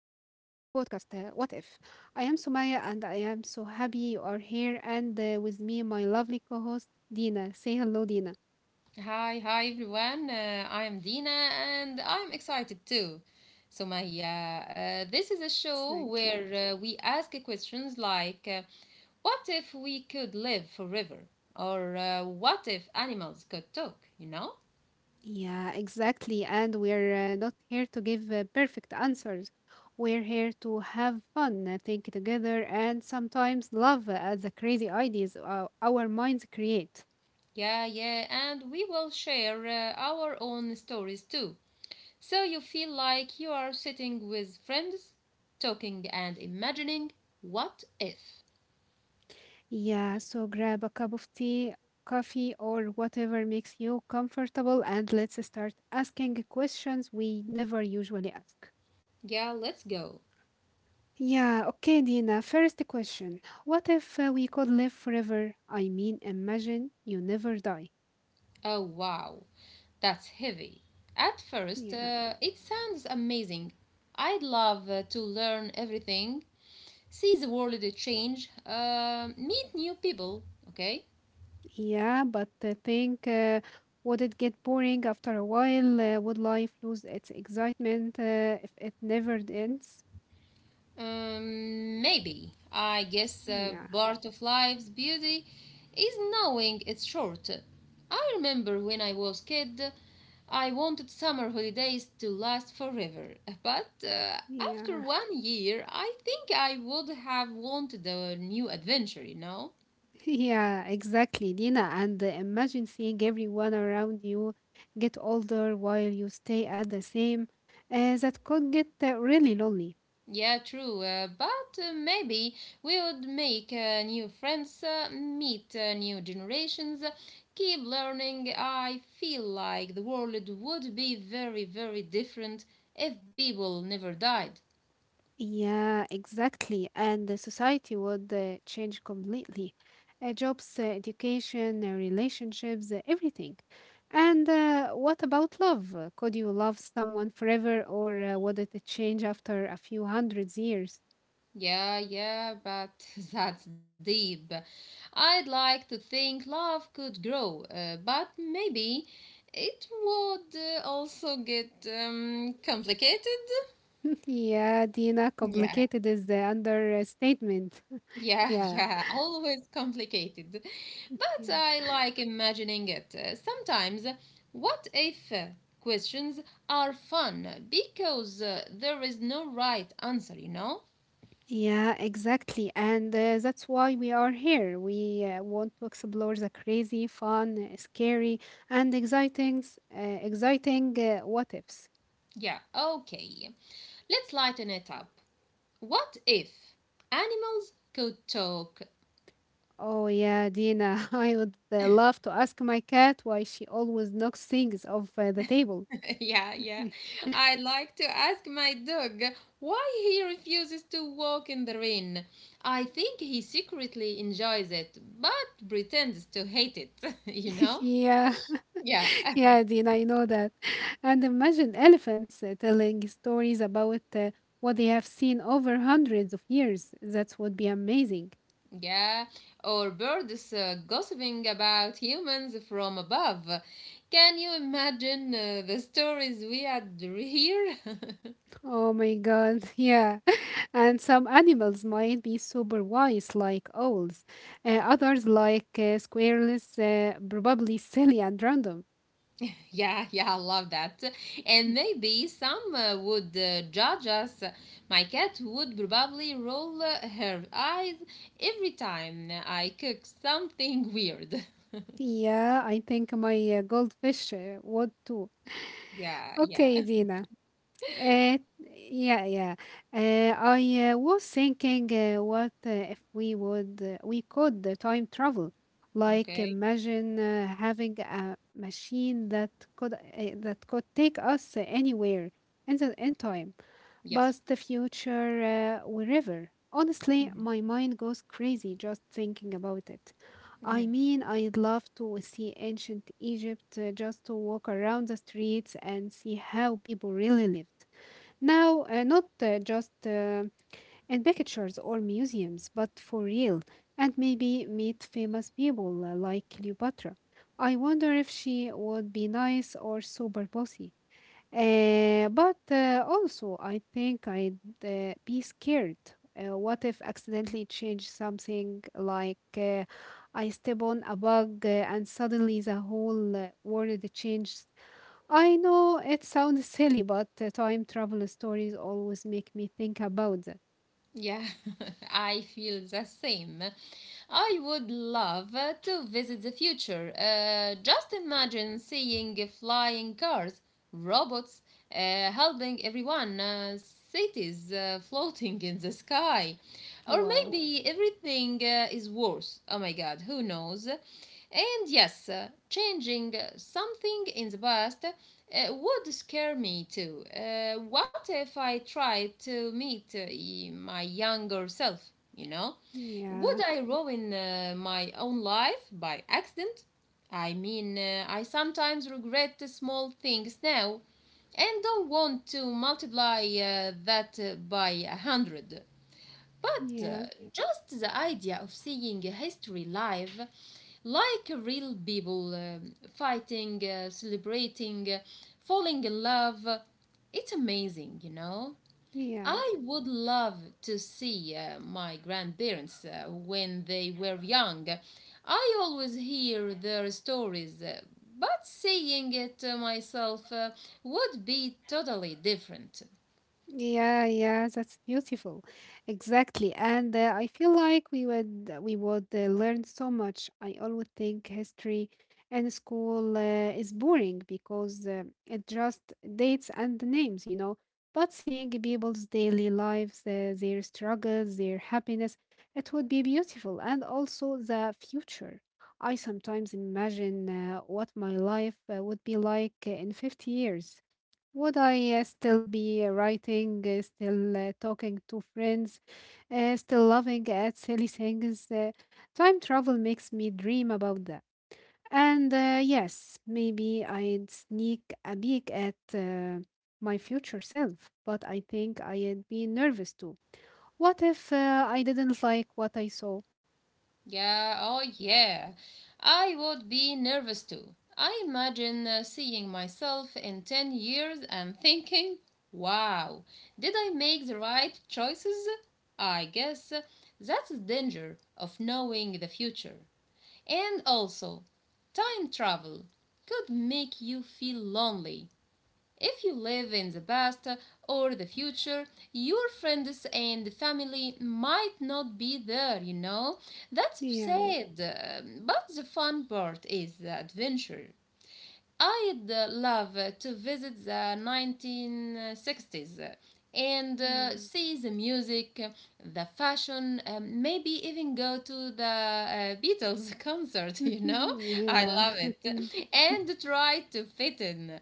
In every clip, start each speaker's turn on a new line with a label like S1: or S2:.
S1: new podcast, What If? I am Sumaya, and I am so happy you are here, and with me, my lovely co host, Dina. Say hello, Dina.
S2: Hi, hi everyone. I am Dina and I'm excited too. So, Mahia, this is a show
S1: Thank you.
S2: where we ask questions like what if we could live forever? Or what if animals could talk? You know?
S1: Yeah, exactly. And we're not here to give perfect answers. We're here to have fun, think together, and sometimes laugh at the crazy ideas our minds create.
S2: Yeah, yeah, and we will share our own stories too. So you feel like you are sitting with friends, talking and imagining what if.
S1: Yeah, so grab a cup of tea, coffee, or whatever makes you comfortable, and let's start asking questions we never usually ask.
S2: Yeah, let's go.
S1: Yeah, okay, Dina. First question: what if we could live forever? I mean, imagine you never die.
S2: Oh, wow. That's heavy. At first,
S1: Yeah,
S2: it sounds amazing. I'd love to learn everything, see the world change, meet new people, okay?
S1: yeah, but I think, would it get boring after a while? Would life lose its excitement if it never ends?
S2: Maybe. I guess
S1: Yeah,
S2: part of life's beauty is knowing it's short. I remember when I was kid, I wanted summer holidays to last forever, but
S1: yeah.
S2: after one year, I think I would have wanted a new adventure, you know?
S1: Yeah, exactly, Nina. And imagine seeing everyone around you get older while you stay at the same. That could get really lonely.
S2: Yeah, true. But maybe we would make new friends, meet new generations, keep learning. I feel like the world would be very, very different if people never died.
S1: Yeah, exactly. And the society would change completely. Jobs, education, relationships, everything. And what about love? Could you love someone forever, or would it change after a few hundreds years?
S2: Yeah, yeah, but that's deep. I'd like to think love could grow, but maybe it would also get complicated.
S1: Yeah, Dina,
S2: Yeah.
S1: complicated is the understatement.
S2: Yeah,
S1: Yeah,
S2: yeah, always complicated. But
S1: yeah,
S2: I like imagining it. Sometimes, what if questions are fun because there is no right answer, you know?
S1: yeah, exactly. And that's why we are here. We want to explore the crazy, fun, scary, and exciting, what ifs.
S2: Yeah, okay. Let's lighten it up. What if animals could talk?
S1: Oh yeah, Dina, I would love to ask my cat why she always knocks things off the table.
S2: Yeah, yeah. I like to ask my dog why he refuses to walk in the rain. I think he secretly enjoys it, but pretends to hate it, you know?
S1: Yeah,
S2: Yeah,
S1: yeah, Dean, I know that. And imagine elephants telling stories about what they have seen over hundreds of years. That would be amazing.
S2: yeah. Or birds gossiping about humans from above. Can you imagine the stories we had here?
S1: Oh my God, yeah. And some animals might be super wise, like owls. Others, like squirrels, probably silly and random.
S2: Yeah, yeah, I love that. And maybe some would judge us. My cat would probably roll her eyes every time I cook something weird.
S1: Yeah, I think my goldfish would too.
S2: Yeah, yeah.
S1: Okay, Dina. Uh, yeah, yeah. I was thinking, what if we would we could Time travel? Like
S2: Okay.
S1: imagine having a machine could uh, that could take us anywhere in time,
S2: Yes.
S1: but the future wherever. Honestly, my mind goes crazy just thinking about it. I
S2: Mhm.
S1: mean, I'd love to see ancient Egypt just to walk around the streets and see how people really lived. Now, not just in pictures or museums, but for real, and maybe meet famous people like Cleopatra. I wonder if she would be nice or super bossy. But also, I think I'd be scared. What if accidentally change something like I step on a bug and suddenly the whole world changes? I know it sounds silly, but time travel stories always make me think about that.
S2: Yeah, I feel the same. I would love to visit the future. Just imagine seeing flying cars, robots helping everyone, cities floating in the sky. Or
S1: Wow.
S2: maybe everything is worse. Oh my God, who knows? And yes, changing something in the past would scare me too. What if I tried to meet my younger self, you know?
S1: Yeah.
S2: Would I ruin my own life by accident? I mean, I sometimes regret the small things now and don't want to multiply that by a hundred. But
S1: Yeah.
S2: just the idea of seeing history live, like real people fighting, celebrating, falling in love, it's amazing, you know?
S1: Yeah.
S2: I would love to see my grandparents when they were young. I always hear their stories, but seeing it myself would be totally different.
S1: Yeah, yeah, that's beautiful. Exactly. And I feel like we would learn so much. I always think history in school is boring because it just dates and names, you know. But seeing people's daily lives, their struggles, their happiness, it would be beautiful. And also the future. I sometimes imagine what my life would be like in 50 years. Would I still be writing, still talking to friends, still loving at silly things? Time travel makes me dream about that. And yes, maybe I'd sneak a peek at my future self, but I think I'd be nervous too. What if I didn't like what I saw?
S2: Yeah, oh yeah. I would be nervous too. I imagine seeing myself in 10 years and thinking, wow, did I make the right choices? I guess that's the danger of knowing the future. And also, time travel could make you feel lonely if you live in the past or the future, your friends and family might not be there, you know. That's
S1: Yeah,
S2: sad, but the fun part is the adventure. I'd love to visit the 1960s and
S1: yeah,
S2: see the music, the fashion, maybe even go to the Beatles concert, you know? I
S1: yeah.
S2: love it. And try to fit in.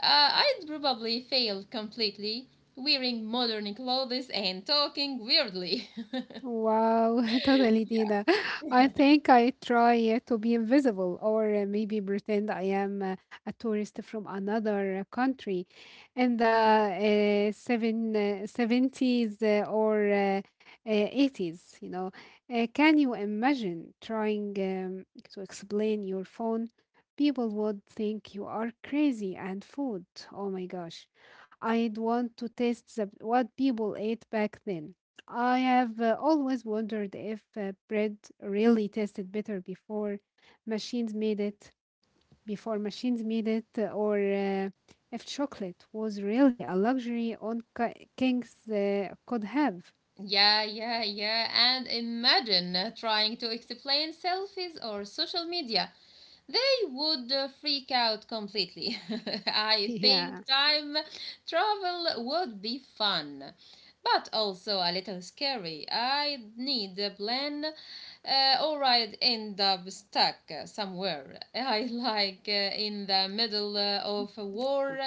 S2: I'd probably fail completely wearing modern clothes and talking weirdly.
S1: Wow, totally, Dina. I think I try to be invisible or maybe pretend I am a tourist from another country in the 70s or 80s, you know. Can you imagine trying to explain your phone? People would think you are crazy. And food. Oh my gosh. I'd want to taste the, what people ate back then. I have always wondered if bread really tasted better before machines made it, before machines made it, or if chocolate was really a luxury on kings could have.
S2: Yeah, yeah, yeah. And imagine trying to explain selfies or social media. They would freak out completely. I
S1: Yeah.
S2: think time travel would be fun, but also a little scary. I need a plan, or I'd end up stuck somewhere. I like in the middle of a war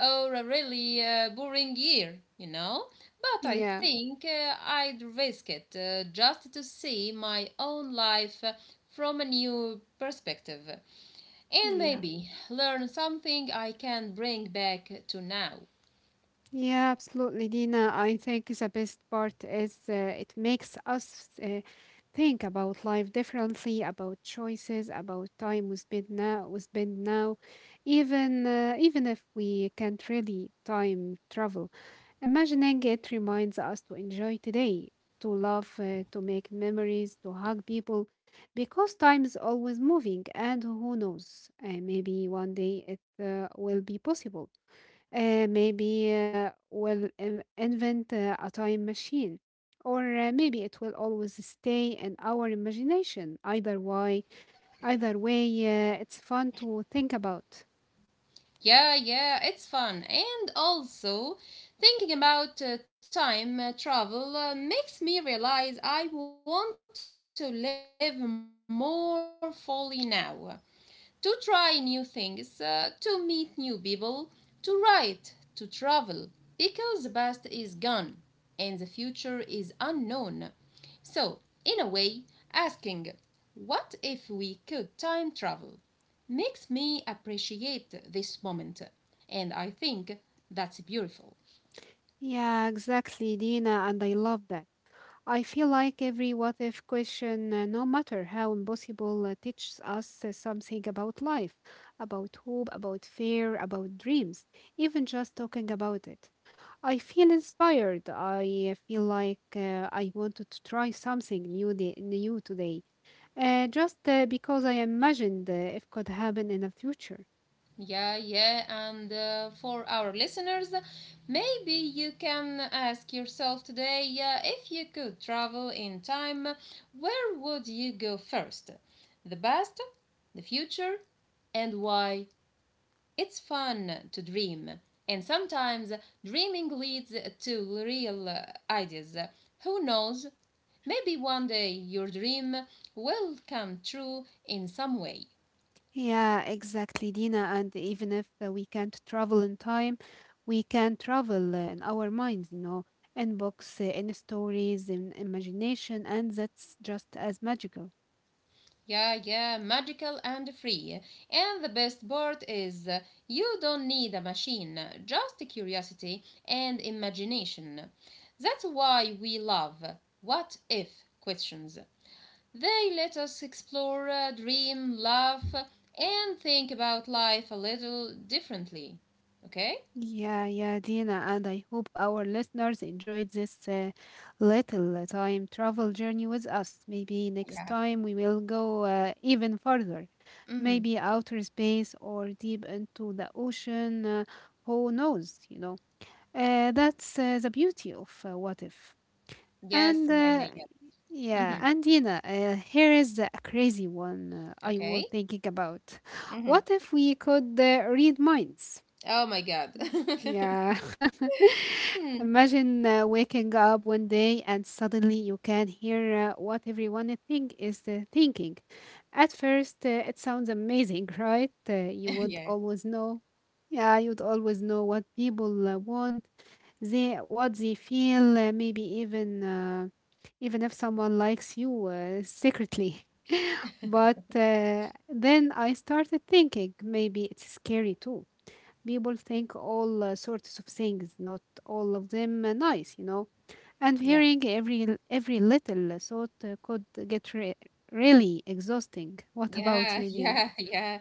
S2: or a really boring year, you know? But I
S1: Yeah,
S2: think I'd risk it just to see my own life from a new perspective. And
S1: yeah,
S2: maybe learn something I can bring back to now.
S1: yeah, absolutely, Dina. I think the best part is it makes us think about life differently, about choices, about time we spend now, even even if we can't really time travel. Imagining it reminds us to enjoy today, to love, to make memories, to hug people, because time is always moving, and who knows, maybe one day it will be possible. Maybe we'll invent a time machine, or maybe it will always stay in our imagination. Either way, it's fun to think about.
S2: Yeah, yeah, it's fun. And also, thinking about time travel makes me realize I want to live more fully now. To try new things, to meet new people, to write, to travel. Because the past is gone and the future is unknown. So, in a way, asking, what if we could time travel? Makes me appreciate this moment. And I think that's beautiful.
S1: Yeah, exactly, Dina, and I love that. I feel like every what if question, no matter how impossible, teaches us something about life, about hope, about fear, about dreams, even just talking about it. I feel inspired. I feel like I wanted to try something new, new today, just because I imagined it could happen in the future.
S2: Yeah, yeah, and for our listeners, maybe you can ask yourself today if you could travel in time, where would you go first? The past, the future, and why? It's fun to dream, and sometimes dreaming leads to real ideas. Who knows? Maybe one day your dream will come true in some way.
S1: Yeah, exactly, Dina. And even if we can't travel in time, we can travel in our minds, you know, in books, in stories, in imagination, and that's just as magical.
S2: Yeah, yeah, magical and free. And the best part is you don't need a machine, just curiosity and imagination. That's why we love what if questions. They let us explore, dream, laugh, and think about life a little differently. Okay?
S1: Yeah, yeah, Dina. And I hope our listeners enjoyed this little time travel journey with us. Maybe next
S2: Yeah.
S1: time we will go even further, maybe
S2: Mm-hmm.
S1: outer space or deep into the ocean. Who knows, you know? That's the beauty of what if. And
S2: Yes,
S1: uh,
S2: Maya, yeah.
S1: yeah,
S2: Mm-hmm.
S1: and Dina, here is a crazy one I was
S2: Okay.
S1: thinking about.
S2: Mm-hmm.
S1: What if we could read minds?
S2: Oh my God.
S1: Yeah.
S2: Hmm.
S1: Imagine waking up one day and suddenly you can hear what everyone I think is thinking. At first, it sounds amazing, right? You would
S2: Yeah,
S1: always know. Yeah, you'd always know what people want they what they feel, maybe even if someone likes you secretly. But then I started thinking maybe it's scary too. People think all sorts of things, not all of them nice, you know. And
S2: yeah.
S1: hearing every every little thought could get really exhausting. What about
S2: Yeah,
S1: you, Dina?
S2: yeah, yeah.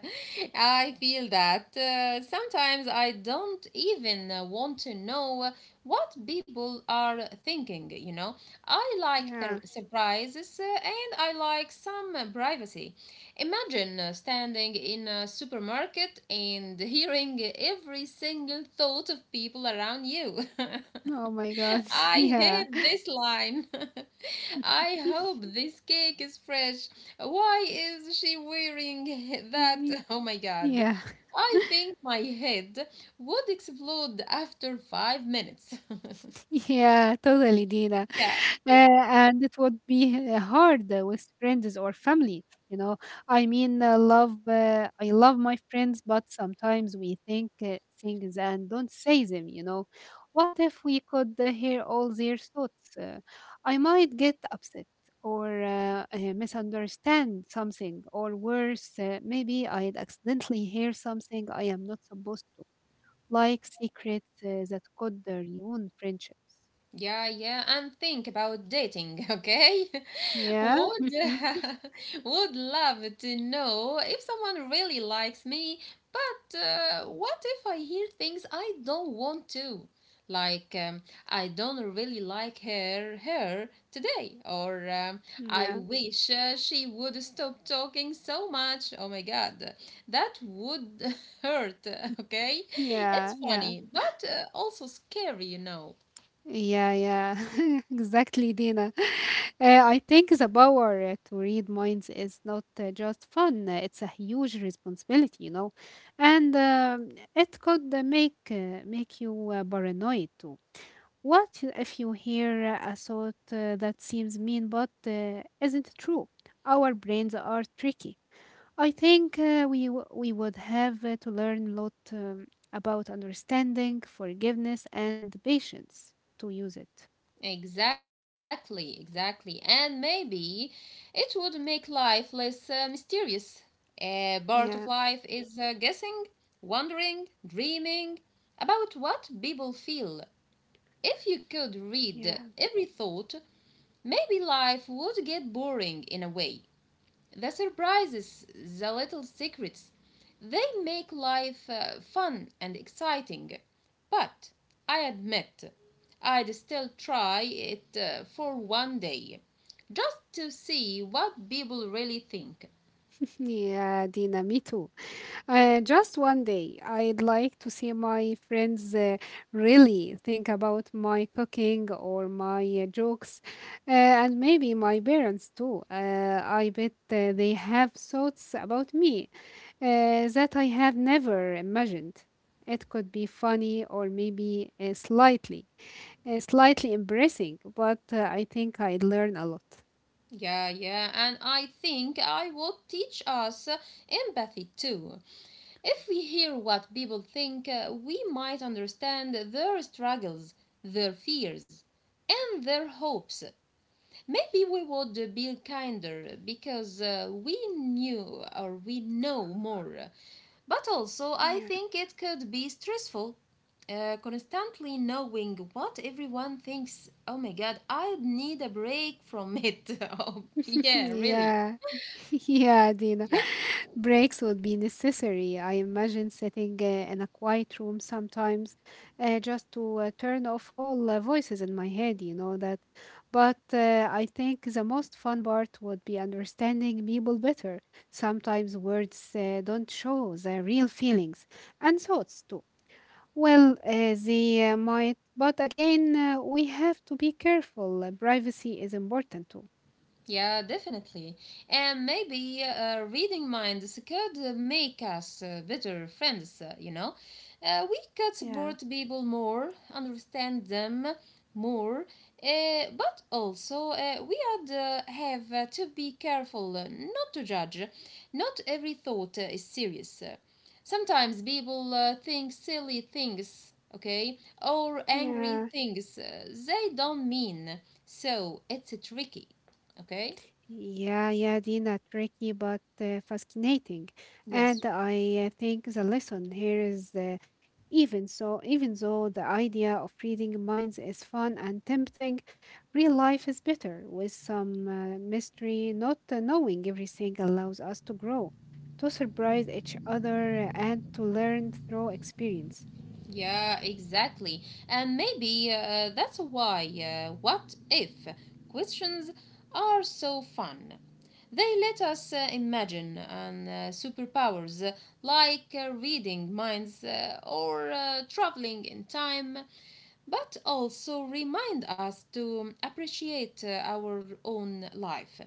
S2: I feel that. Sometimes I don't even want to know what people are thinking, you know. I like
S1: Yeah,
S2: the surprises and I like some privacy. Imagine standing in a supermarket and hearing every single thought of people around you.
S1: oh my god,
S2: I
S1: yeah.
S2: hate this line. I hope this cake is fresh. Why is she wearing that? Oh my God.
S1: Yeah,
S2: I think my head would explode after 5 minutes.
S1: yeah, totally, Dina.
S2: Yeah,
S1: Uh, and it would be hard with friends or family, you know. I mean, love I love my friends, but sometimes we think things and don't say them, you know. What if we could hear all their thoughts? I might get upset, or misunderstand something, or worse, maybe I'd accidentally hear something I am not supposed to, like secrets that could ruin friendships.
S2: yeah, yeah. And think about dating, okay?
S1: Yeah.
S2: Would would love to know if someone really likes me, but what if I hear things I don't want to? Like I don't really like her today, or I
S1: Yeah.
S2: wish she would stop talking so much. Oh my God, that would hurt. Okay, it's
S1: Yeah, yeah,
S2: funny, but also scary, you know.
S1: yeah, yeah. Exactly, Dina. I think the power to read minds is not just fun, it's a huge responsibility, you know. And it could make you paranoid too. What if you hear a thought that seems mean but isn't true? Our brains are tricky. I think we would have to learn a lot about understanding, forgiveness, and patience to use it.
S2: Exactly, exactly. And maybe it would make life less mysterious. A part of
S1: Yeah,
S2: life is guessing, wondering, dreaming about what people feel. If you could
S1: yeah.
S2: read every thought, maybe life would get boring in a way. The surprises, the little secrets, they make life fun and exciting, but I admit I'd still try it for one day just to see what people really think.
S1: Yeah, Dina, me too. Just one day, I'd like to see my friends really think about my cooking or my jokes, and maybe my parents too. I bet they have thoughts about me that I have never imagined. It could be funny or maybe slightly embarrassing, but I think I'd learn a lot.
S2: Yeah, yeah, and I think I would teach us empathy too. If we hear what people think, we might understand their struggles, their fears, and their hopes. Maybe we would be kinder because we knew or we know more. But also, I
S1: Yeah.
S2: think it could be stressful. Constantly knowing what everyone thinks. Oh my God, I need a break from it. Oh, yeah, really.
S1: Yeah. Yeah, Dina.
S2: Yeah.
S1: Breaks would be necessary. I imagine sitting in a quiet room sometimes just to turn off all voices in my head, you know that. But I think the most fun part would be understanding people better. Sometimes words don't show the real feelings and thoughts too. Well, they might, but again, we have to be careful. Privacy is important too.
S2: Yeah, definitely. And maybe reading minds could make us better friends, you know? We could
S1: Yeah.
S2: support people more, understand them more, but also have to be careful not to judge. Not every thought is serious. Sometimes people think silly things, okay, or angry
S1: Yeah.
S2: things they don't mean. So it's tricky. Okay?
S1: Yeah, yeah, Dina, tricky but fascinating.
S2: Yes.
S1: And I think the lesson here is even though the idea of reading minds is fun and tempting, real life is better with some mystery. Not knowing everything allows us to grow, to surprise each other, and to learn through experience.
S2: Yeah, exactly. And maybe that's why what if questions are so fun. They let us imagine and superpowers like reading minds or traveling in time, but also remind us to appreciate our own life.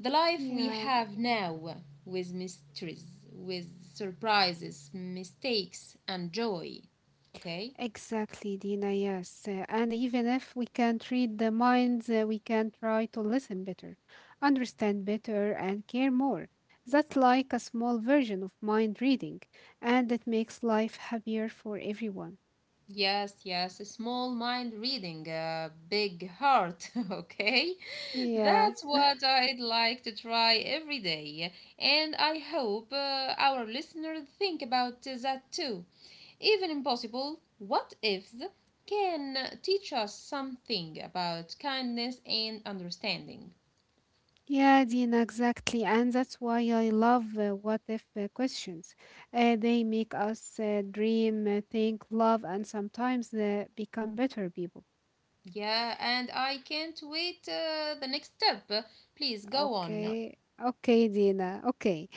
S2: The life we
S1: Yeah.
S2: have now, with mysteries, with surprises, mistakes, and joy. Okay?
S1: Exactly, Dina, yes. And even if we can't read the minds, we can try to listen better, understand better, and care more. That's like a small version of mind reading, and it makes life happier for everyone.
S2: Yes, yes, a small mind reading, a big heart, okay?
S1: Yeah,
S2: That's what I'd like to try every day. And I hope our listeners think about that too. Even impossible, what ifs can teach us something about kindness and understanding.
S1: yeah, Dina, exactly. And that's why I love what if questions. They make us dream, think, love, and sometimes become better people.
S2: Yeah, and I can't wait the next step. Please go on.
S1: Okay. Okay, Dina. Okay.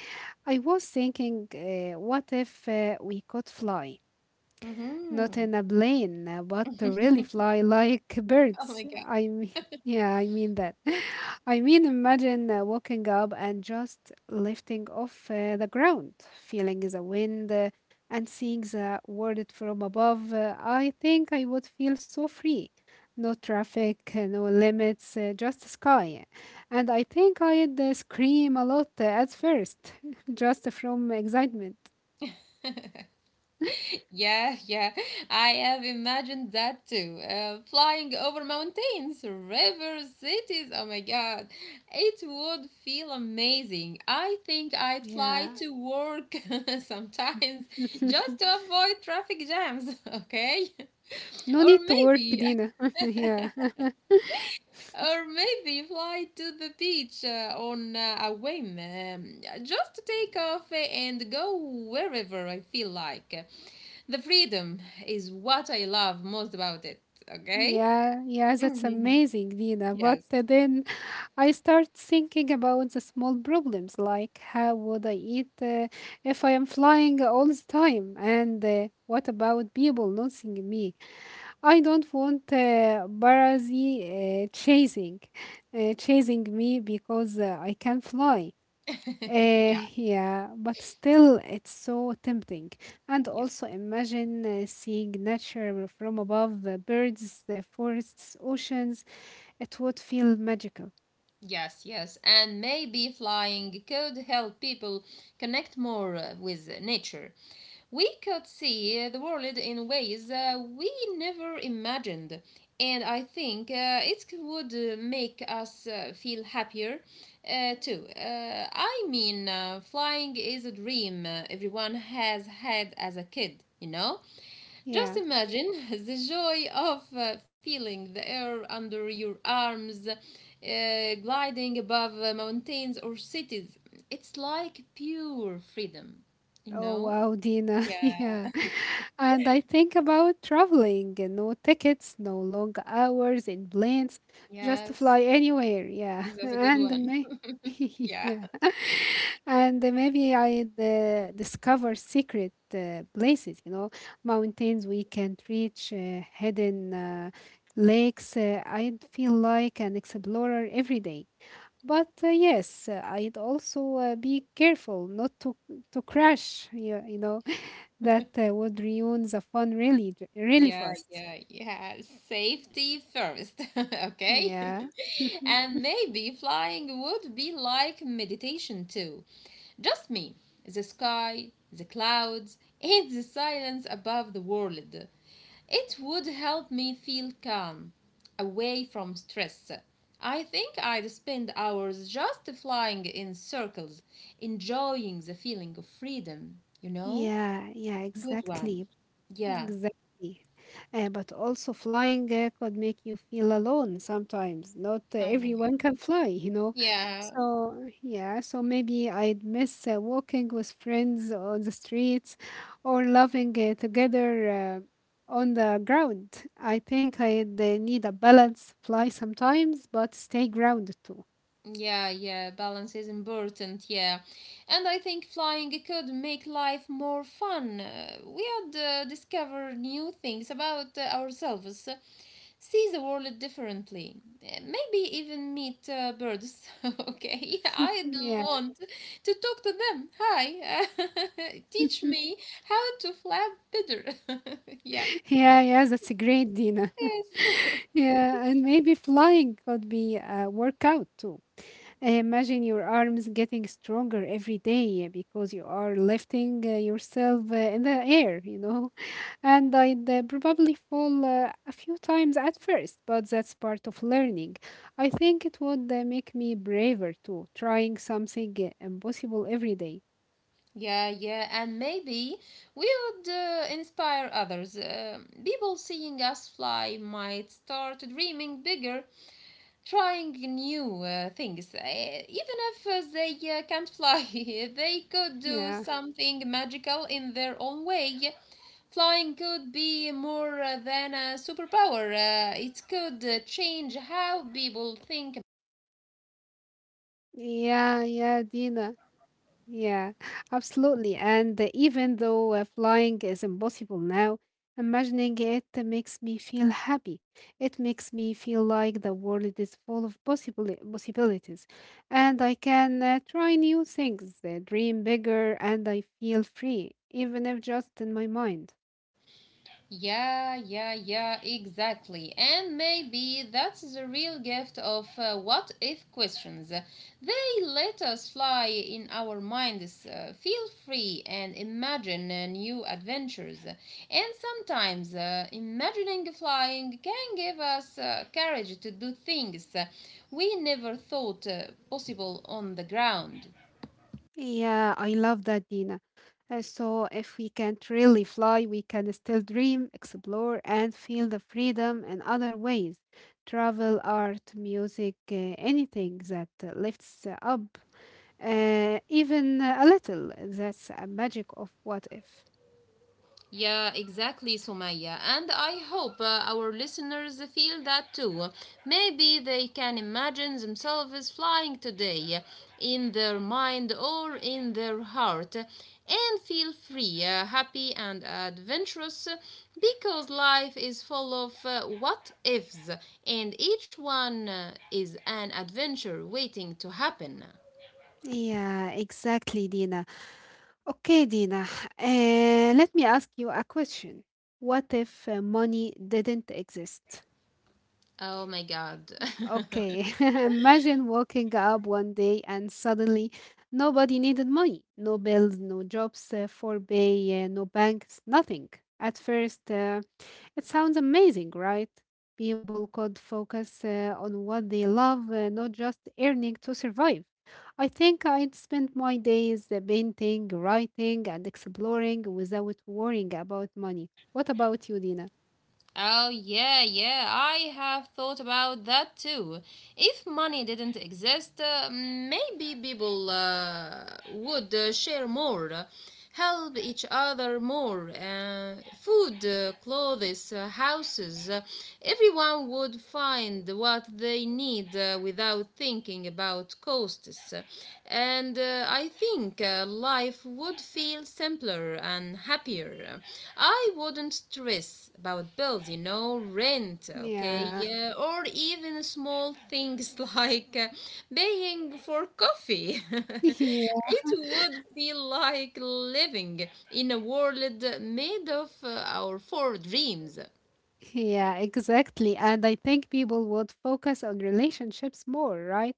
S1: I was thinking, what if we could fly? Not
S2: Mm-hmm.
S1: in a plane, but to really fly like
S2: Oh my
S1: birds. I mean, yeah, I mean that. I mean, imagine waking up and just lifting off the ground, feeling the wind and seeing the world from above. I think I would feel so free. No traffic, no limits, just the sky. And I think I'd scream a lot at first, just from excitement.
S2: God. Yeah, yeah. I have imagined that too. Flying over mountains, rivers, cities. Oh my God. It would feel amazing. I think I'd fly
S1: Yeah.
S2: to work sometimes just to avoid traffic jams, okay?
S1: No
S2: Or
S1: need to work,
S2: maybe
S1: Dina. Yeah.
S2: Or maybe fly to the beach on a whim, just to take off and go wherever I feel like. The freedom is what I love most about it, okay?
S1: Yeah, yeah, that's
S2: Mhm.
S1: amazing, Dina. But
S2: Yes.
S1: then I start thinking about the small problems, like how would I eat if I am flying all the time? And what about people noticing me? I don't want paparazzi chasing me because I can fly.
S2: Yeah,
S1: Yeah, but still, it's so tempting. And
S2: yes.
S1: also, imagine seeing nature from above, birds, forests, oceans. It would feel magical.
S2: Yes, yes. And maybe flying could help people connect more with nature. We could see the world in ways we never imagined, and I think it would make us feel happier too. I mean, flying is a dream everyone has had as a kid, you know?
S1: Yeah.
S2: Just imagine the joy of feeling the air under your arms, gliding above mountains or cities. It's like pure freedom, you
S1: Oh
S2: know?
S1: wow, Dina.
S2: Yeah.
S1: Yeah. And I think about traveling and no tickets, no long hours in planes. Just
S2: Yes,
S1: fly anywhere. Yeah.
S2: and that's a good
S1: And
S2: one.
S1: may
S2: Yeah,
S1: yeah. And maybe I'd discover secret places, you know, mountains we can't reach, hidden lakes. I'd feel like an explorer every day. But yes, I'd also be careful not to crash. You know that would ruin the fun really, really
S2: yeah,
S1: fast.
S2: yeah, yeah. Safety first, okay?
S1: Yeah,
S2: And maybe flying would be like meditation too. Just me, the sky, the clouds, and the silence above the world. It would help me feel calm, away from stress. I think I'd spend hours just flying in circles, enjoying the feeling of freedom, you know?
S1: yeah, yeah,
S2: Good
S1: exactly.
S2: one. Yeah.
S1: Exactly. But also flying could make you feel alone sometimes. Not
S2: Oh my God.
S1: everyone can fly, you know.
S2: Yeah,
S1: So, yeah, so maybe I'd miss walking with friends on the streets or laughing together on the ground. I think I'd need a balance, fly sometimes, but stay grounded too.
S2: yeah, yeah. Balance is important, yeah. And I think flying could make life more fun. We would discover new things about ourselves, see the world differently. Maybe even meet birds. Okay, I'd
S1: Yeah.
S2: want to talk to them. Hi, teach me how to flap better. Yeah.
S1: Yeah, yeah, that's a great, Dina.
S2: Yes.
S1: Yeah, and maybe flying could be a workout too. I imagine your arms getting stronger every day because you are lifting yourself in the air, you know. And I'd probably fall a few times at first, but that's part of learning. I think it would make me braver too, trying something impossible every day.
S2: Yeah, yeah, and maybe we would inspire others. People seeing us fly might start dreaming bigger, trying new things. Even if they can't fly, they could do
S1: Yeah.
S2: something magical in their own way. Flying could be more than a superpower, it could change how people think.
S1: Yeah, yeah, Dina. Yeah, absolutely. And even though flying is impossible now, imagining it makes me feel happy. It makes me feel like the world is full of possible possibilities, and I can try new things, dream bigger, and I feel free, even if just in my mind.
S2: Yeah, yeah, yeah, exactly. And maybe that's the real gift of what if questions. They let us fly in our minds, feel free, and imagine new adventures. And sometimes imagining flying can give us courage to do things we never thought possible on the ground.
S1: Yeah, I love that, Dina. So, if we can't really fly, we can still dream, explore, and feel the freedom in other ways. Travel, art, music, anything that lifts up, even a little. That's a magic of what if.
S2: Yeah, exactly, Sumaya. And I hope our listeners feel that too. Maybe they can imagine themselves flying today in their mind or in their heart and feel free, happy, and adventurous because life is full of what ifs and each one is an adventure waiting to happen.
S1: Yeah, exactly, Dina. Okay, Dina, uh, let me ask you a question. What if money didn't exist?
S2: Oh my god.
S1: Okay, imagine waking up one day and suddenly nobody needed money. No bills, no jobs for pay, no banks, nothing. At first, it sounds amazing, right? People could focus on what they love, not just earning to survive. I think I'd spend my days painting, writing, and exploring without worrying about money. What about you, Dina?
S2: Oh, yeah, yeah, I have thought about that too. If money didn't exist, maybe people would share more, help each other more. Food, clothes, houses, everyone would find what they need without thinking about costs. And I think life would feel simpler and happier. I wouldn't stress about bills, you know, rent, okay,
S1: Yeah,
S2: yeah, or even small things like paying for coffee. it would feel like living in a world made of our four dreams.
S1: yeah, exactly. And I think people would focus on relationships more, right?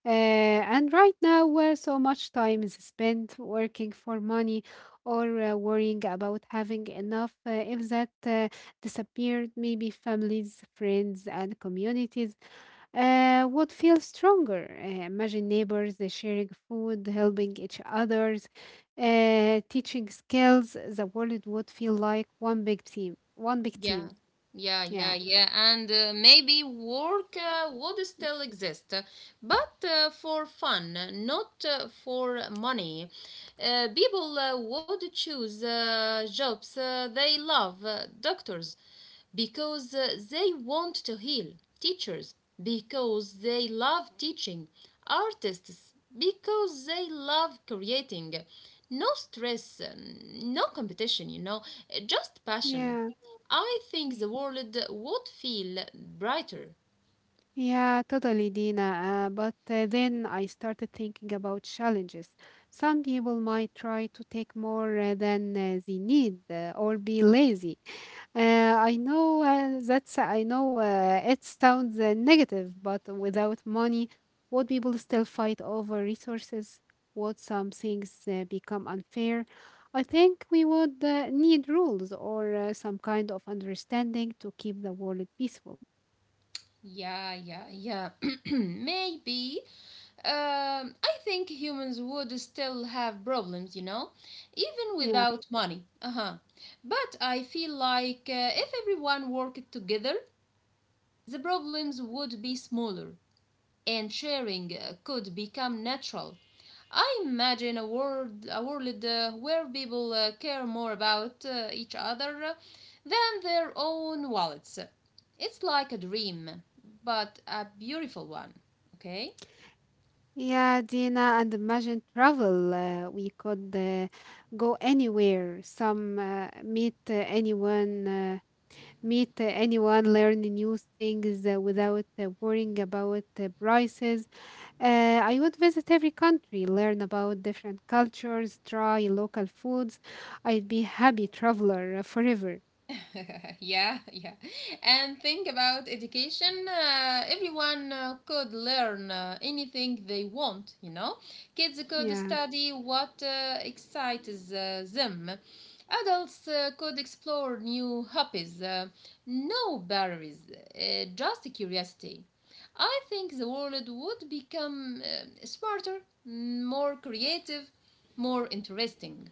S1: And right now, so much time is spent working for money or worrying about having enough. If that disappeared, maybe families, friends, and communities would feel stronger. Imagine neighbors sharing food, helping each others, teaching skills. The world would feel like one big team. One big
S2: Yeah,
S1: team.
S2: yeah, yeah,
S1: Yeah.
S2: yeah. And maybe work would still exist, but for fun, not for money. People would choose jobs they love, doctors, because they want to heal, teachers, because they love teaching, artists, because they love creating. No stress, no competition, you know, just passion.
S1: Yeah.
S2: I think the
S1: y-
S2: world would feel brighter.
S1: Yeah, totally, Dina. But then I started thinking about challenges. Some people might try to take more than they need or be lazy. I know it sounds negative, but without money, would people still fight over resources? Would some things become unfair? I think we would need rules or some kind of understanding to keep the world peaceful.
S2: Yeah, yeah, yeah. Maybe. I think humans would still have problems, you know, even
S1: Yeah.
S2: without money. Uh huh. But I feel like if everyone worked together, the problems would be smaller, and sharing could become natural. I imagine a world where people care more about each other than their own wallets. It's like a dream, but a beautiful one, okay?
S1: Yeah, Dina, and imagine travel. We could go anywhere, meet anyone, learn new things without worrying about prices. I would visit every country, learn about different cultures, try local foods. I'd be happy traveler forever.
S2: yeah, yeah. And think about education. Everyone could learn anything they want, you know. Kids could
S1: Yeah.
S2: study what excites them. Adults could explore new hobbies. No barriers, just curiosity. I think the world would become smarter, more creative, more interesting.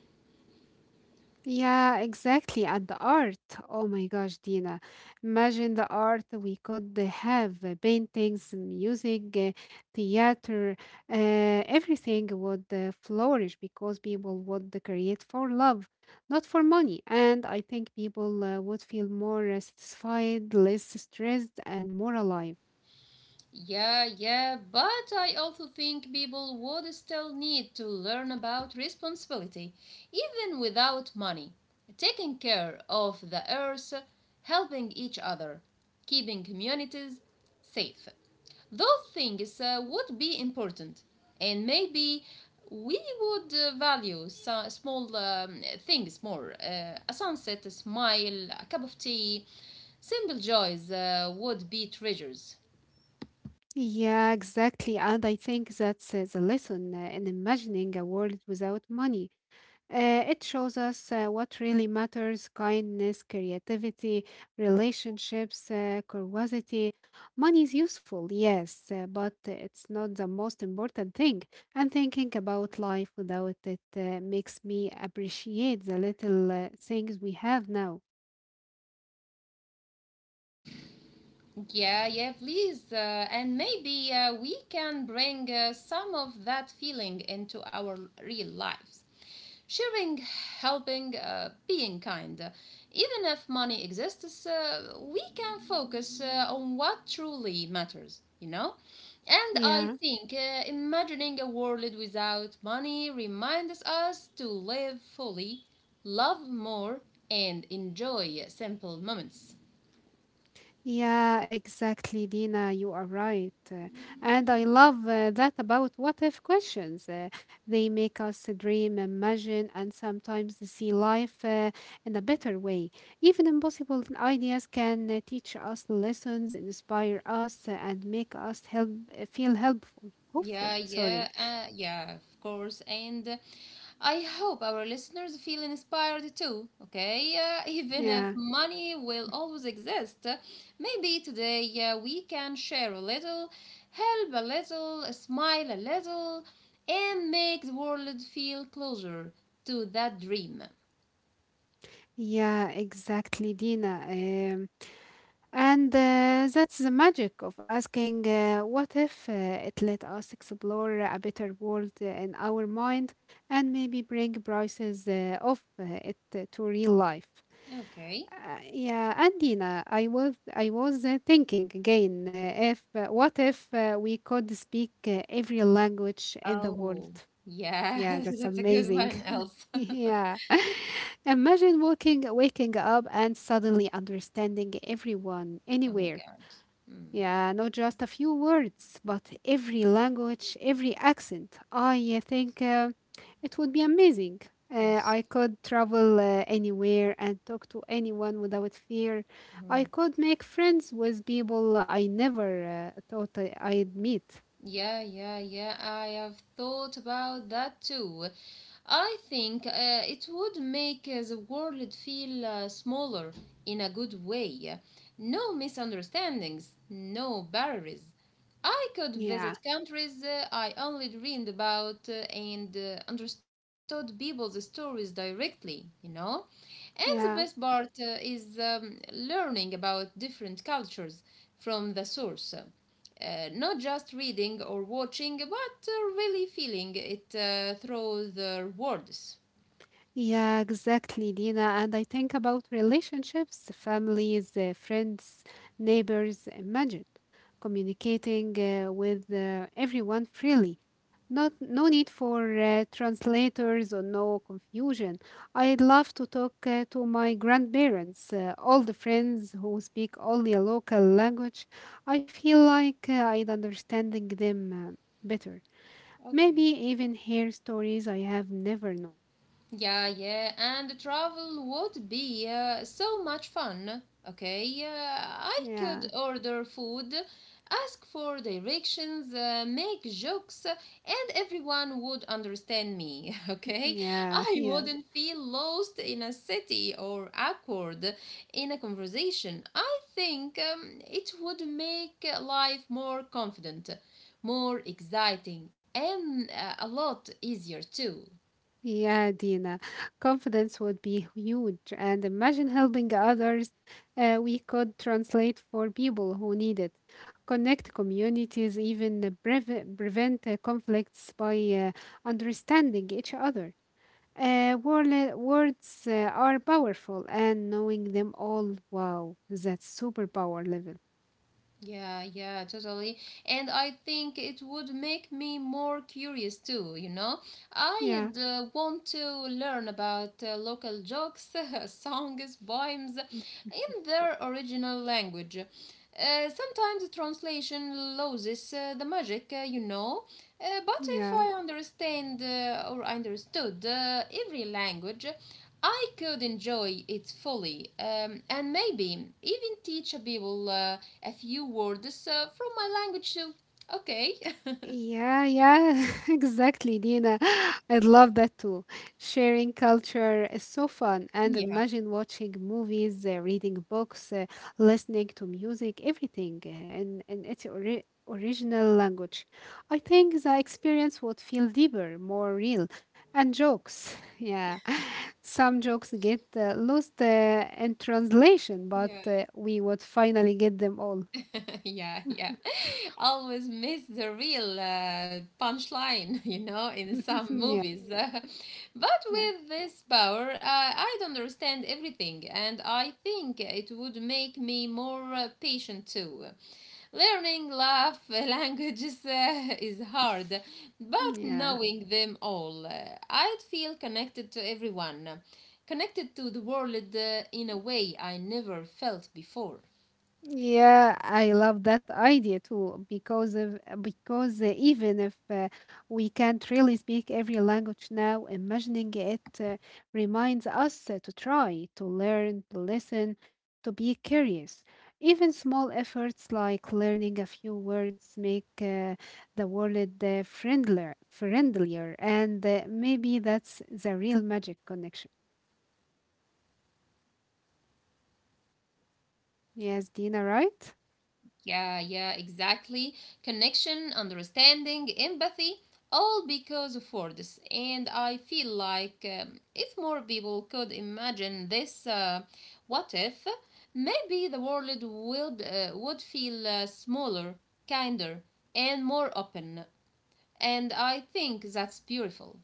S1: Yeah, exactly. And the art. Oh my gosh, Dina. Imagine the art we could have paintings, music, theater, everything would flourish because people would create for love, not for money. And I think people would feel more satisfied, less stressed, and more alive.
S2: Yeah, yeah, but I also think people would still need to learn about responsibility, even without money. Taking care of the earth, helping each other, keeping communities safe. Those things would be important, and maybe we would value small things more. A sunset, a smile, a cup of tea. Simple joys would be treasures.
S1: Yeah, exactly. And I think that's the lesson in imagining a world without money. It shows us what really matters kindness, creativity, relationships, curiosity. Money is useful, yes, but it's not the most important thing. And thinking about life without it makes me appreciate the little things we have now.
S2: Yeah, yeah, please. And maybe we can bring some of that feeling into our real lives. Sharing, helping, being kind. Even if money exists, we can focus on what truly matters, you know? And I
S1: Yeah,
S2: think imagining a world without money reminds us to live fully, love more, and enjoy simple moments.
S1: yeah, exactly, Dina. You are right. And I love that about what if questions. They make us dream, imagine, and sometimes see life in a better way. Even impossible ideas can teach us lessons, inspire us, and make us help feel helpful, hopeful.
S2: Yeah, yeah,
S1: Sorry.
S2: uh, yeah, of course. And I hope our listeners feel inspired too, okay? Even if
S1: Yeah,
S2: money will always exist, maybe today we can share a little, help a little, smile a little, and make the world feel closer to that dream.
S1: yeah, exactly, Dina. And that's the magic of asking what if it let us explore a better world in our mind and maybe bring prices of it to real life.
S2: Okay.
S1: Yeah, and Dina, I was thinking again if what if we could speak every language in the world?
S2: Oh, yeah,
S1: Yeah, that's
S2: that's a good
S1: amazing.
S2: one, Elsa.
S1: Yeah. Imagine waking up and suddenly understanding everyone
S2: Oh my
S1: anywhere
S2: God. Mm,
S1: yeah, not just a few words, but every language, every accent. I think it would be amazing.
S2: yes.
S1: I could travel anywhere and talk to anyone without fear. I could make friends with people I never thought I'd meet.
S2: Yeah, yeah, yeah. I have thought about that too. I think it would make the world feel smaller in a good way. No misunderstandings, no barriers. I could
S1: Yeah,
S2: visit countries I only dreamed about and understood people's stories directly, you know? And the best
S1: yeah.
S2: part is learning about different cultures from the source not just reading or watching, but really feeling it through the words.
S1: Yeah, exactly, Dina. And I think about relationships, families, friends, neighbors. Imagine communicating with everyone freely. Not, no need for translators or no confusion. I love to talk to my grandparents, all the friends who speak only a local language. I feel like I'd understanding them better. Maybe
S2: Okay.
S1: even hear stories I have never known.
S2: Yeah, yeah, and travel would be so much fun. Okay, I could
S1: Yeah.
S2: order food, ask for directions, make jokes, and everyone would understand me. Okay,
S1: Yeah,
S2: I
S1: yeah,
S2: wouldn't feel lost in a city or awkward in a conversation. I think it would make life more confident, more exciting, and a lot easier too.
S1: yeah, Dina. Confidence would be huge. And imagine helping others. We could translate for people who need it, connect communities, even prevent conflicts by understanding each other. Words are powerful, and knowing them all, wow, that's superpower level.
S2: Yeah, yeah, totally. And I think it would make me more curious too, you know?
S1: Yeah,
S2: I'd want to learn about local jokes, songs, poems
S1: mm,
S2: in their original language. Sometimes translation loses the magic, you know. But if
S1: yeah.
S2: I understand or understood every language, I could enjoy it fully and maybe even teach a people a few words from my language too. Okay.
S1: Yeah, yeah, exactly, Dina. I love that too. Sharing culture is so fun. And
S2: yeah.
S1: imagine watching movies, reading books, listening to music, everything in its original language. I think the experience would feel deeper, more real. And jokes, yeah. Some jokes get lost in translation, but
S2: Yeah.
S1: we would finally get them all.
S2: yeah. Yeah. always miss the real punchline, you know, in some movies. but
S1: Yeah, yeah,
S2: with this power, I don't understand everything, and I think it would make me more patient too. Learning love languages is hard, but
S1: yeah.
S2: knowing them all, I'd feel connected to everyone, connected to the world in a way I never felt before.
S1: Yeah, I love that idea too because even if we can't really speak every language now, imagining it reminds us to try, to learn, to listen, to be curious. Even small efforts like learning a few words make the world friendlier, and maybe that's the real magic connection. Yes, Dina, right?
S2: Yeah, yeah, exactly. Connection, understanding, empathy, all because of words. And I feel like if more people could imagine this what if, maybe the world would feel smaller, kinder, and more open. And I think that's beautiful.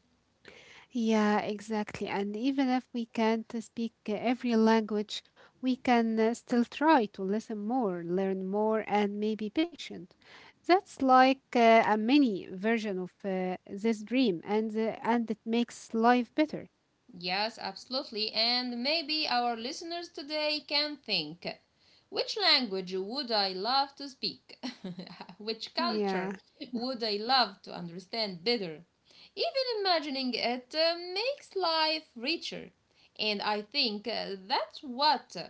S1: Yeah, exactly. And even if we can't speak every language, we can still try to listen more, learn more, and maybe patient. That's like a mini version of this dream, and it makes life better.
S2: Yes, absolutely. And maybe our listeners today can think, which language would I love to speak? which
S1: Yeah,
S2: culture would I love to understand better? Even imagining it makes life richer. And I think that's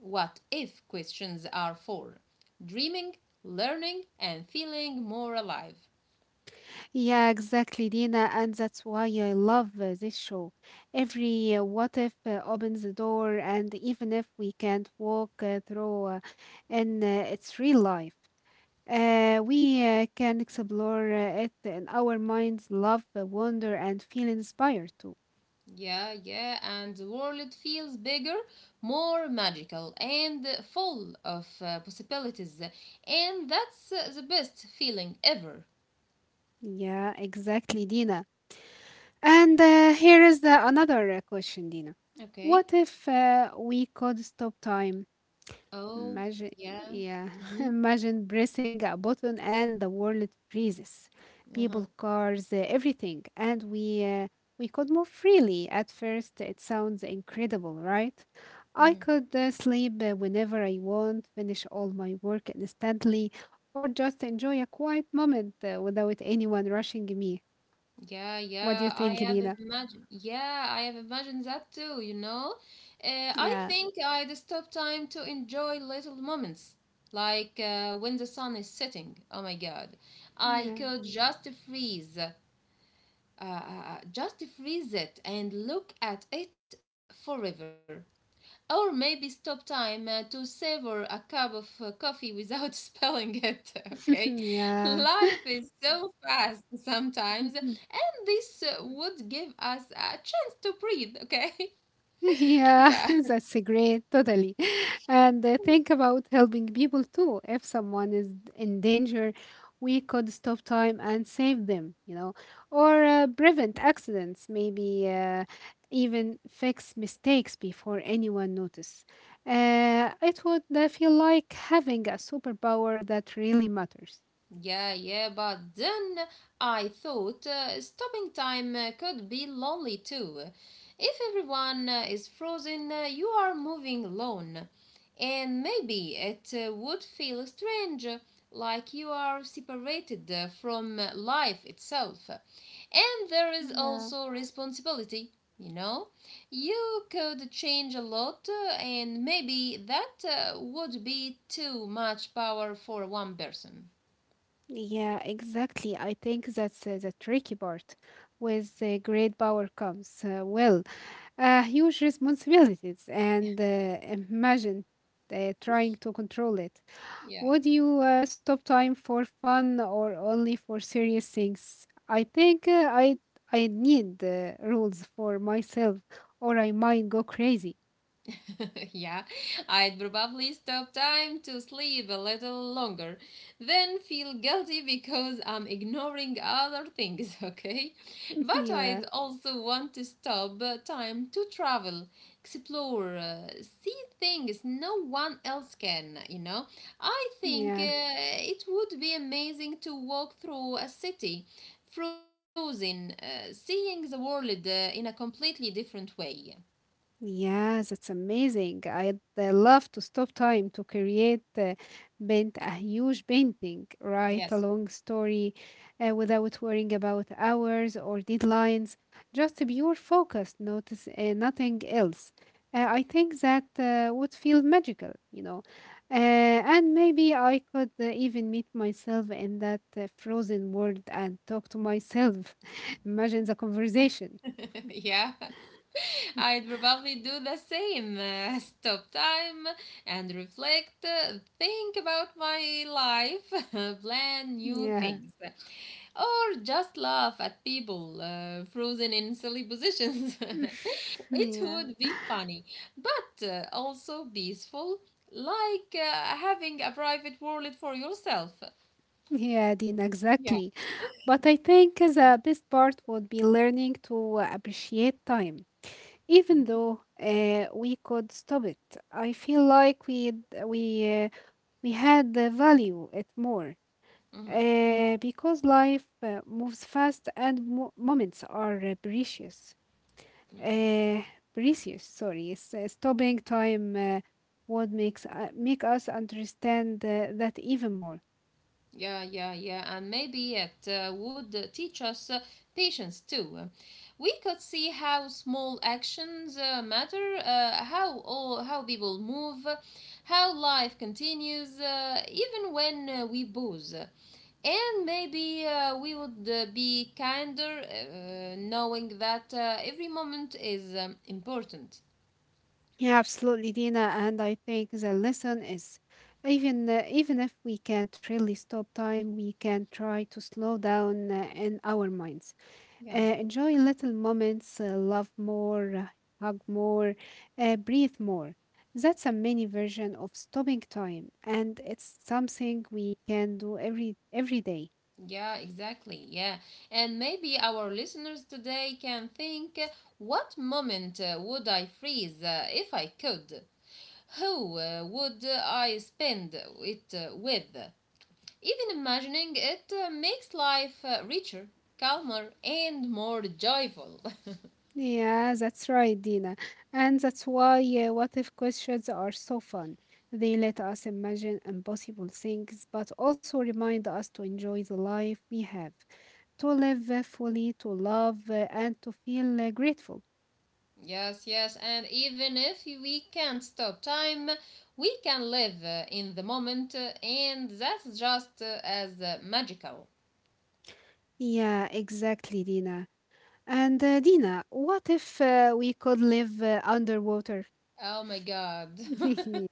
S2: what if questions are for: dreaming, learning, and feeling more alive.
S1: yeah, exactly, Dina. And that's why I love this show. Every what if opens the door, and even if we can't walk through in its real life. We can explore it in our minds, love, wonder, and feel inspired too.
S2: Yeah, yeah, and the world feels bigger, more magical, and full of possibilities. And that's the best feeling ever.
S1: Yeah, exactly, Dina. And here is the, another question, Dina.
S2: Okay.
S1: What if we could stop time?
S2: Oh,
S1: Imagine,
S2: yeah.
S1: yeah,
S2: Mm-hmm.
S1: imagine pressing a button and the world freezes.
S2: Uh-huh.
S1: People, cars, everything, and we could move freely. At first, it sounds incredible, right? I
S2: Mm-hmm.
S1: could sleep whenever I want, finish all my work instantly, or just enjoy a quiet moment without anyone rushing me.
S2: Yeah,
S1: What do you
S2: yeah, I
S1: think,
S2: have
S1: Nina?
S2: imagined. Yeah, I have imagined that too, you know? I
S1: Yeah,
S2: think I'd stop time to enjoy little moments, like when the sun is setting. Oh my God. I
S1: yeah,
S2: could just freeze. uh, uh, just freeze it and look at it forever. Or maybe stop time to savor a cup of coffee without spilling it, okay? Life
S1: yeah.
S2: is so fast sometimes. This would give us a chance to breathe, okay?
S1: Yeah,
S2: yeah.
S1: that's a great, totally. And think about helping people too. If someone is in danger, we could stop time and save them, you know, or prevent accidents, maybe even fix mistakes before anyone notice. It would feel like having a superpower that really matters.
S2: Yeah, yeah, but then I thought stopping time could be lonely too. If everyone is frozen, you are moving alone. And maybe it would feel strange, like you are separated from life itself. And there is
S1: Yeah,
S2: also responsibility, you know? You could change a lot, and maybe that would be too much power for one person.
S1: yeah, exactly. I think that's the tricky part. With great power comes huge responsibilities and imagine trying to control it.
S2: Yeah.
S1: Would you stop time for fun or only for serious things? I think I need rules for myself or I might go crazy.
S2: yeah, I'd probably stop time to sleep a little longer, then feel guilty because I'm ignoring other things, okay? But
S1: yeah,
S2: I'd also want to stop time to travel, explore, see things no one else can, you know? I think
S1: yeah.
S2: it would be amazing to walk through a city, frozen, seeing the world in a completely different way.
S1: Yes, it's amazing. I'd love to stop time to create, paint a huge painting, write a
S2: Yes.
S1: long story without worrying about hours or deadlines. Just pure focus, notice nothing else. I think that would feel magical, you know. And maybe I could even meet myself in that frozen world and talk to myself. Imagine the conversation.
S2: yeah. I'd probably do the same. Stop time and reflect, think about my life, plan new
S1: Yeah.
S2: things, or just laugh at people frozen in silly positions. it
S1: yeah.
S2: would be funny, but also peaceful, like having a private world for yourself.
S1: Yeah, Dean,
S2: Yeah.
S1: exactly. But I think the best part would be learning to appreciate time, even though we could stop it. I feel like we uh, we had the value it more because life moves fast and mo moments are precious. Uh, Precious, sorry. Stopping time would make us understand that even more.
S2: Yeah, yeah, yeah, and maybe it would teach us patience too. We could see how small actions matter, how people move, how life continues, even when we booze. And maybe we would be kinder, knowing that every moment is important.
S1: Yeah, absolutely, Dina. And I think the lesson is even if we can't really stop time, we can try to slow down in our minds.
S2: Yeah.
S1: Enjoy little moments, love more, hug more, breathe more. That's a mini version of stopping time, and it's something we can do every day.
S2: Yeah, exactly. Yeah. And maybe our listeners today can think, what moment would I freeze if I could? Who would I spend it with? Even imagining it makes life richer, calmer, and more joyful.
S1: Yeah, that's right, Dina. And that's why what if questions are so fun. They let us imagine impossible things, but also remind us to enjoy the life we have, to live fully, to love, and to feel grateful.
S2: yes, yes. And even if we can't stop time, we can live in the moment, and that's just as magical.
S1: Yeah, exactly, Dina. And Dina, what if we could live underwater?
S2: Oh my God.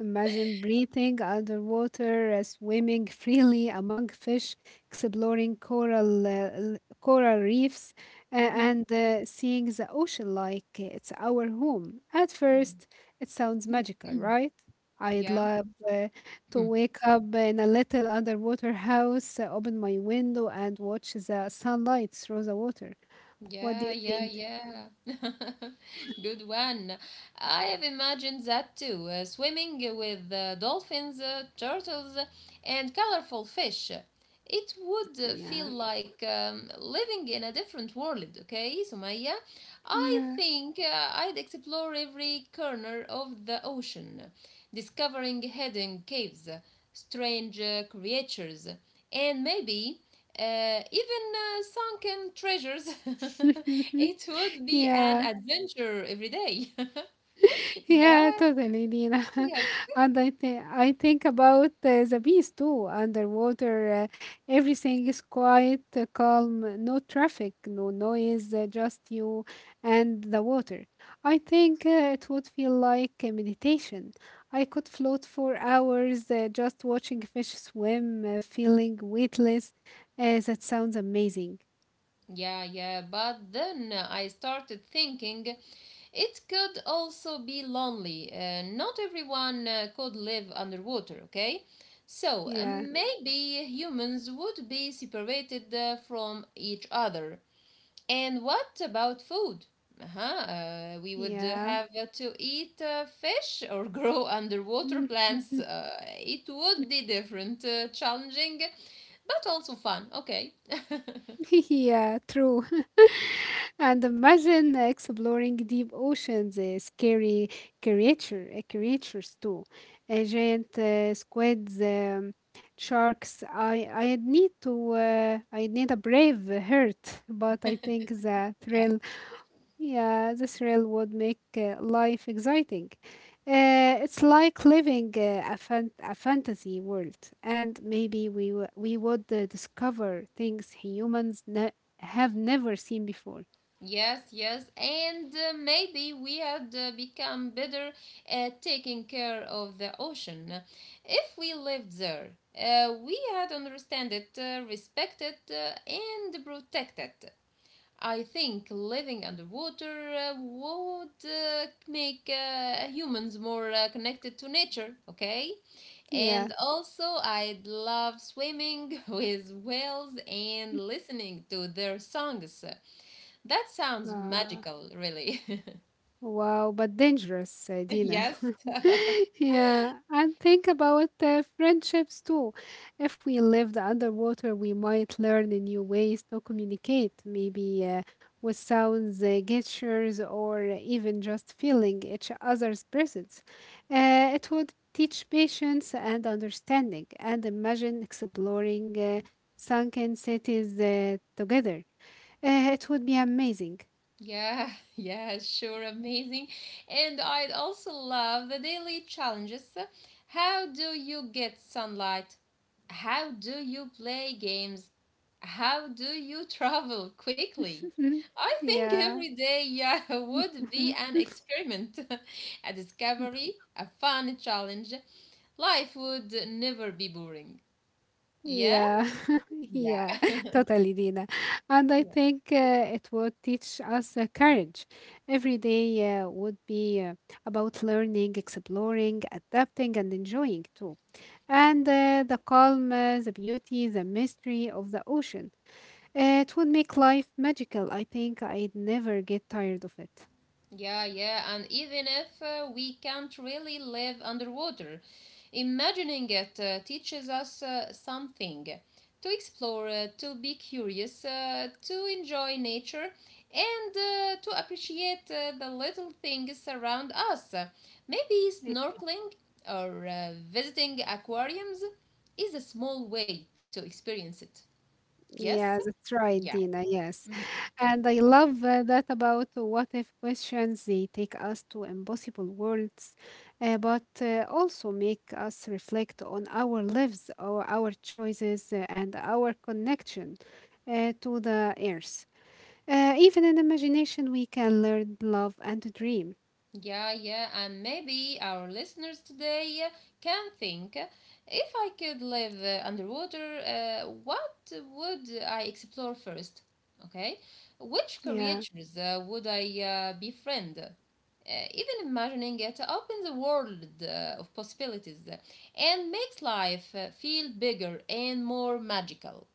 S1: Imagine breathing underwater, swimming freely among fish, exploring coral reefs, uh,
S2: Mm-hmm.
S1: and uh, seeing the ocean like it's our home. At first,
S2: Mm-hmm.
S1: it sounds magical, right? I'd
S2: Yeah.
S1: love to
S2: Hmm.
S1: wake up in a little underwater house, open my window, and watch the sunlight through the water. What do
S2: Yeah,
S1: you
S2: yeah,
S1: think?
S2: yeah. Good one. I have imagined that too. Swimming with dolphins, turtles, and colorful fish. It would
S1: Yeah,
S2: feel like living in a different world, okay, Sumaya? I
S1: yeah,
S2: think I'd explore every corner of the ocean, discovering hidden caves, strange creatures, and maybe even sunken treasures, it would be an
S1: yeah.
S2: adventure every day. yeah,
S1: Yeah, totally, Nina.
S2: yeah,
S1: And I think about the beast too. Underwater, everything is quiet, calm, no traffic, no noise, just you and the water. I think it would feel like a meditation. I could float for hours just watching fish swim, feeling weightless. That sounds amazing.
S2: yeah, yeah. But then I started thinking it could also be lonely. Not everyone could live underwater, okay? So
S1: Yeah,
S2: maybe humans would be separated from each other. And what about food? Uh-huh, we would
S1: yeah.
S2: have to eat fish or grow underwater plants. It would be different, challenging, but also fun. Okay.
S1: Yeah, true. And imagine exploring deep oceans, scary creatures too, giant squids, sharks. I need a brave heart, but I think the
S2: Yeah.
S1: thrill, yeah, the thrill would make life exciting. It's like living a fantasy world, and maybe we would discover things humans have never seen before.
S2: Yes, yes, and maybe we had become better at taking care of the ocean. If we lived there, we had understand it, respect it, and protect it. I think living underwater would make humans more connected to nature, okay?
S1: Yeah.
S2: And also, I'd love swimming with whales and listening to their songs. That sounds
S1: Ah,
S2: magical, really.
S1: wow, but dangerous, Dina.
S2: Yes.
S1: Yeah, and think about friendships too. If we lived underwater, we might learn new ways to communicate, maybe with sounds, gestures, or even just feeling each other's presence. It would teach patience and understanding, and imagine exploring sunken cities together. It would be amazing.
S2: Yeah, yeah, sure, amazing. And I'd also love the daily challenges. How do you get sunlight? How do you play games? How do you travel quickly? I think every
S1: Yeah.
S2: day, yeah, would be an experiment, a discovery, a fun challenge. Life would never be boring. Yeah?
S1: Yeah. Yeah. Totally, Dina.
S2: Yeah.
S1: And I think it would teach us courage. Every day would be about learning, exploring, adapting, and enjoying too. And the calm, the beauty, the mystery of the ocean. It would make life magical. I think I'd never get tired of it.
S2: Yeah, yeah, and even if we can't really live underwater, imagining it teaches us something to explore, to be curious, to enjoy nature, and to appreciate the little things around us. Maybe snorkeling or visiting aquariums is a small way to experience it. Yes?
S1: Yeah, that's
S2: Yeah.
S1: right, Dina. Yes. And I love that about what if questions. They take us to impossible worlds, but also make us reflect on our lives, or our choices, and our connection to the earth. Even in imagination, we can learn, love, and dream.
S2: Yeah, yeah, and maybe our listeners today can think, if I could live underwater, what would I explore first? Okay, which
S1: Yeah.
S2: creatures would I befriend? Even imagining it opens a world of possibilities and makes life feel bigger and more magical.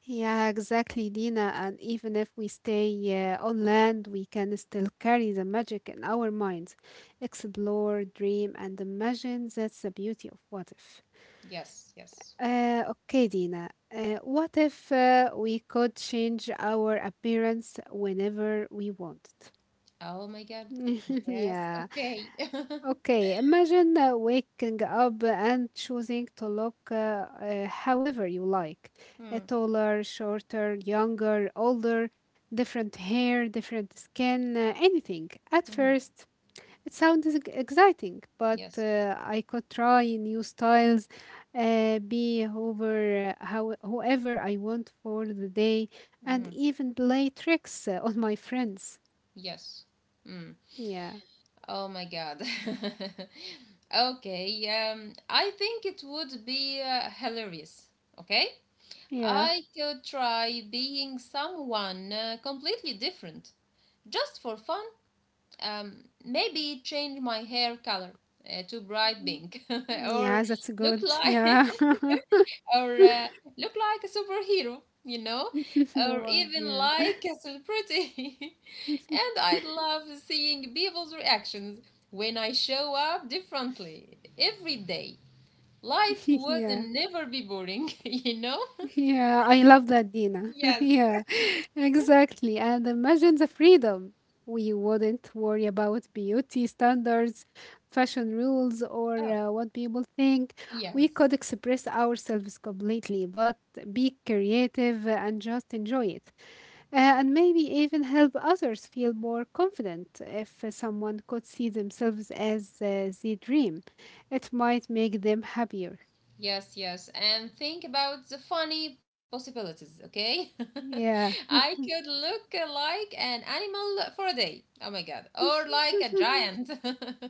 S1: Yeah, exactly, Dina. And even if we stay on land, we can still carry the magic in our minds, explore, dream, and imagine. That's the beauty of what if.
S2: Yes, yes.
S1: Okay, Dina. What if we could change our appearance whenever we wanted?
S2: Oh my God. Yes,
S1: yeah.
S2: okay.
S1: Okay, imagine waking up and choosing to look however you like.
S2: Hmm,
S1: Taller, shorter, younger, older, different hair, different skin, anything. At
S2: mhm,
S1: first, it sounds exciting, but
S2: yes.
S1: I could try new styles, be whoever I want for the day, and
S2: Mhm.
S1: even play tricks on my friends.
S2: Yes. Mm.
S1: Yeah,
S2: Oh my God. Okay. I think it would be hilarious. Okay.
S1: yeah.
S2: I could try being someone completely different just for fun. Maybe change my hair color to bright pink or
S1: Yeah, that's
S2: look
S1: good.
S2: like
S1: Yeah.
S2: or look like a superhero, you know, or
S1: Wow,
S2: even
S1: yeah.
S2: like a celebrity. And I love seeing people's reactions when I show up differently every day. Life would
S1: Yeah.
S2: never be boring, you know?
S1: Yeah, I love that, Dina.
S2: Yes.
S1: Yeah, exactly. And imagine the freedom. We wouldn't worry about beauty standards, fashion rules, or
S2: Oh,
S1: what people think. We
S2: yes.
S1: could express ourselves completely, but be creative and just enjoy it. And maybe even help others feel more confident if someone could see themselves as the dream. It might make them happier.
S2: Yes, yes. And think about the funny possibilities, okay?
S1: Yeah.
S2: I could look like an animal for a day. Oh my God. Or like a giant.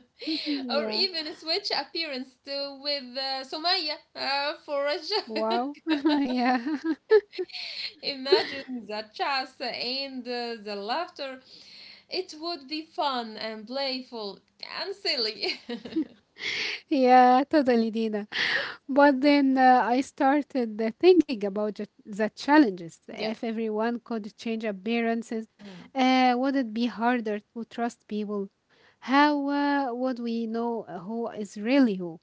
S2: Or
S1: yeah.
S2: even switch appearance to with Somaya for a joke.
S1: Wow. yeah.
S2: Imagine the chase and the laughter. It would be fun and playful and silly.
S1: yeah, totally, Dina. But then I started thinking about the challenges. If
S2: Yes.
S1: everyone could change appearances,
S2: Mm,
S1: would it be harder to trust people? How would we know who is really who?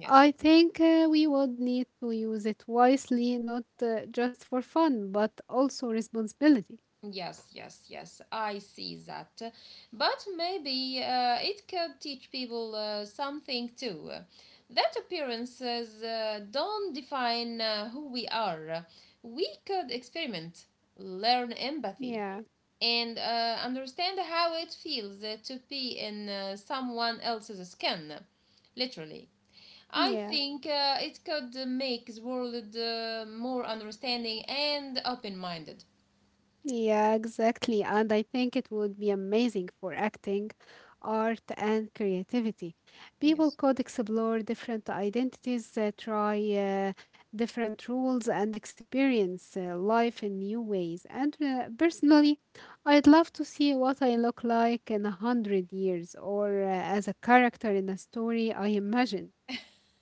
S2: yes.
S1: I think we would need to use it wisely, not just for fun, but also responsibility.
S2: Yes, yes, yes, I see that. But maybe it could teach people something too. That appearances don't define who we are. We could experiment, learn empathy,
S1: Yeah,
S2: and understand how it feels to be in someone else's skin, literally. I
S1: yeah.
S2: think it could make the world more understanding and open minded.
S1: Yeah, exactly. And I think it would be amazing for acting, art, and creativity. People
S2: Yes.
S1: could explore different identities, try different rules, and experience life in new ways. And personally, I'd love to see what I look like in 100 years or as a character in a story I imagine.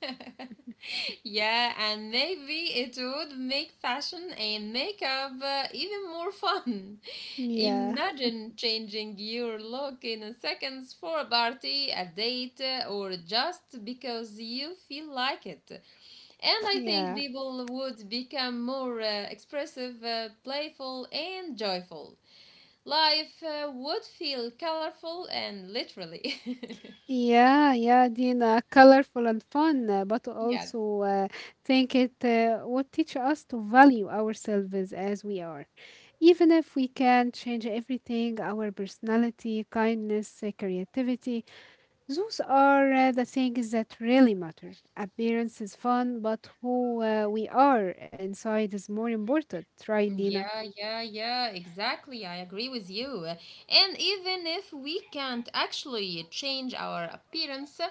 S2: Yeah, and maybe it would make fashion and makeup even more fun.
S1: Yeah,
S2: Imagine changing your look in a seconds for a party, a date, or just because you feel like it. And I think
S1: yeah.
S2: people would become more expressive, playful, and joyful. Life would feel colorful and literally.
S1: Yeah, yeah, Dina, colorful and fun, but
S2: Yes.
S1: also think it would teach us to value ourselves as we are. Even if we can change everything, our personality, kindness, creativity, those are the things that really matter. Appearance is fun, but who we are inside is more important, right, Dina?
S2: Yeah, yeah, yeah, exactly. I agree with you. And even if we can't actually change our appearance, uh,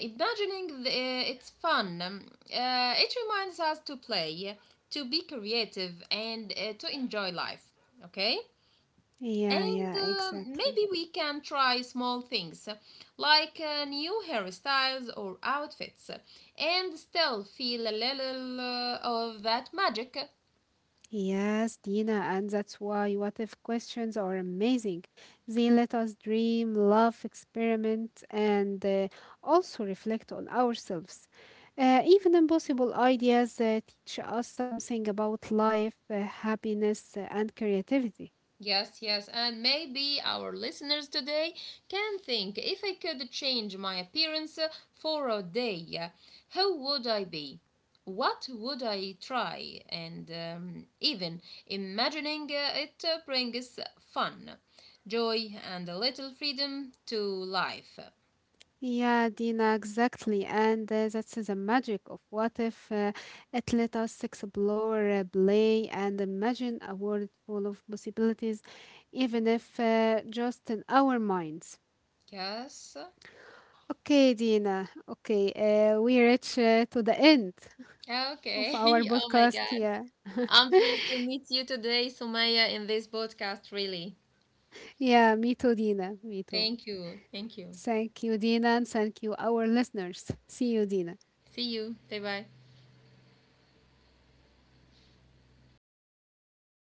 S2: imagining the, uh, it's fun. It reminds us to play, to be creative, and to enjoy life. Okay?
S1: Yeah,
S2: And
S1: yeah, exactly.
S2: maybe we can try small things like new hairstyles or outfits and still feel a little of that magic.
S1: Yes, Dina, and that's why what if questions are amazing. They let us dream, love, experiment, and also reflect on ourselves. Even impossible ideas teach us something about life, happiness, and creativity.
S2: Yes, yes, and maybe our listeners today can think, if I could change my appearance for a day, how would I be? What would I try? And even imagining it brings fun, joy, and a little freedom to life.
S1: Yeah, Dina, exactly. And that's the magic of what if it let us explore, play, and imagine a world full of possibilities, even if just in our minds.
S2: Yes.
S1: Okay, Dina. Okay, we reach to the end of our
S2: Okay. Oh my
S1: podcast.
S2: God.
S1: Yeah.
S2: I'm pleased to meet you today, Sumaya, in this podcast, really.
S1: Yeah, me too, Dina. Me too.
S2: Thank you. Thank you.
S1: Thank you, Dina, and thank you, our listeners. See you, Dina.
S2: See you. Bye bye.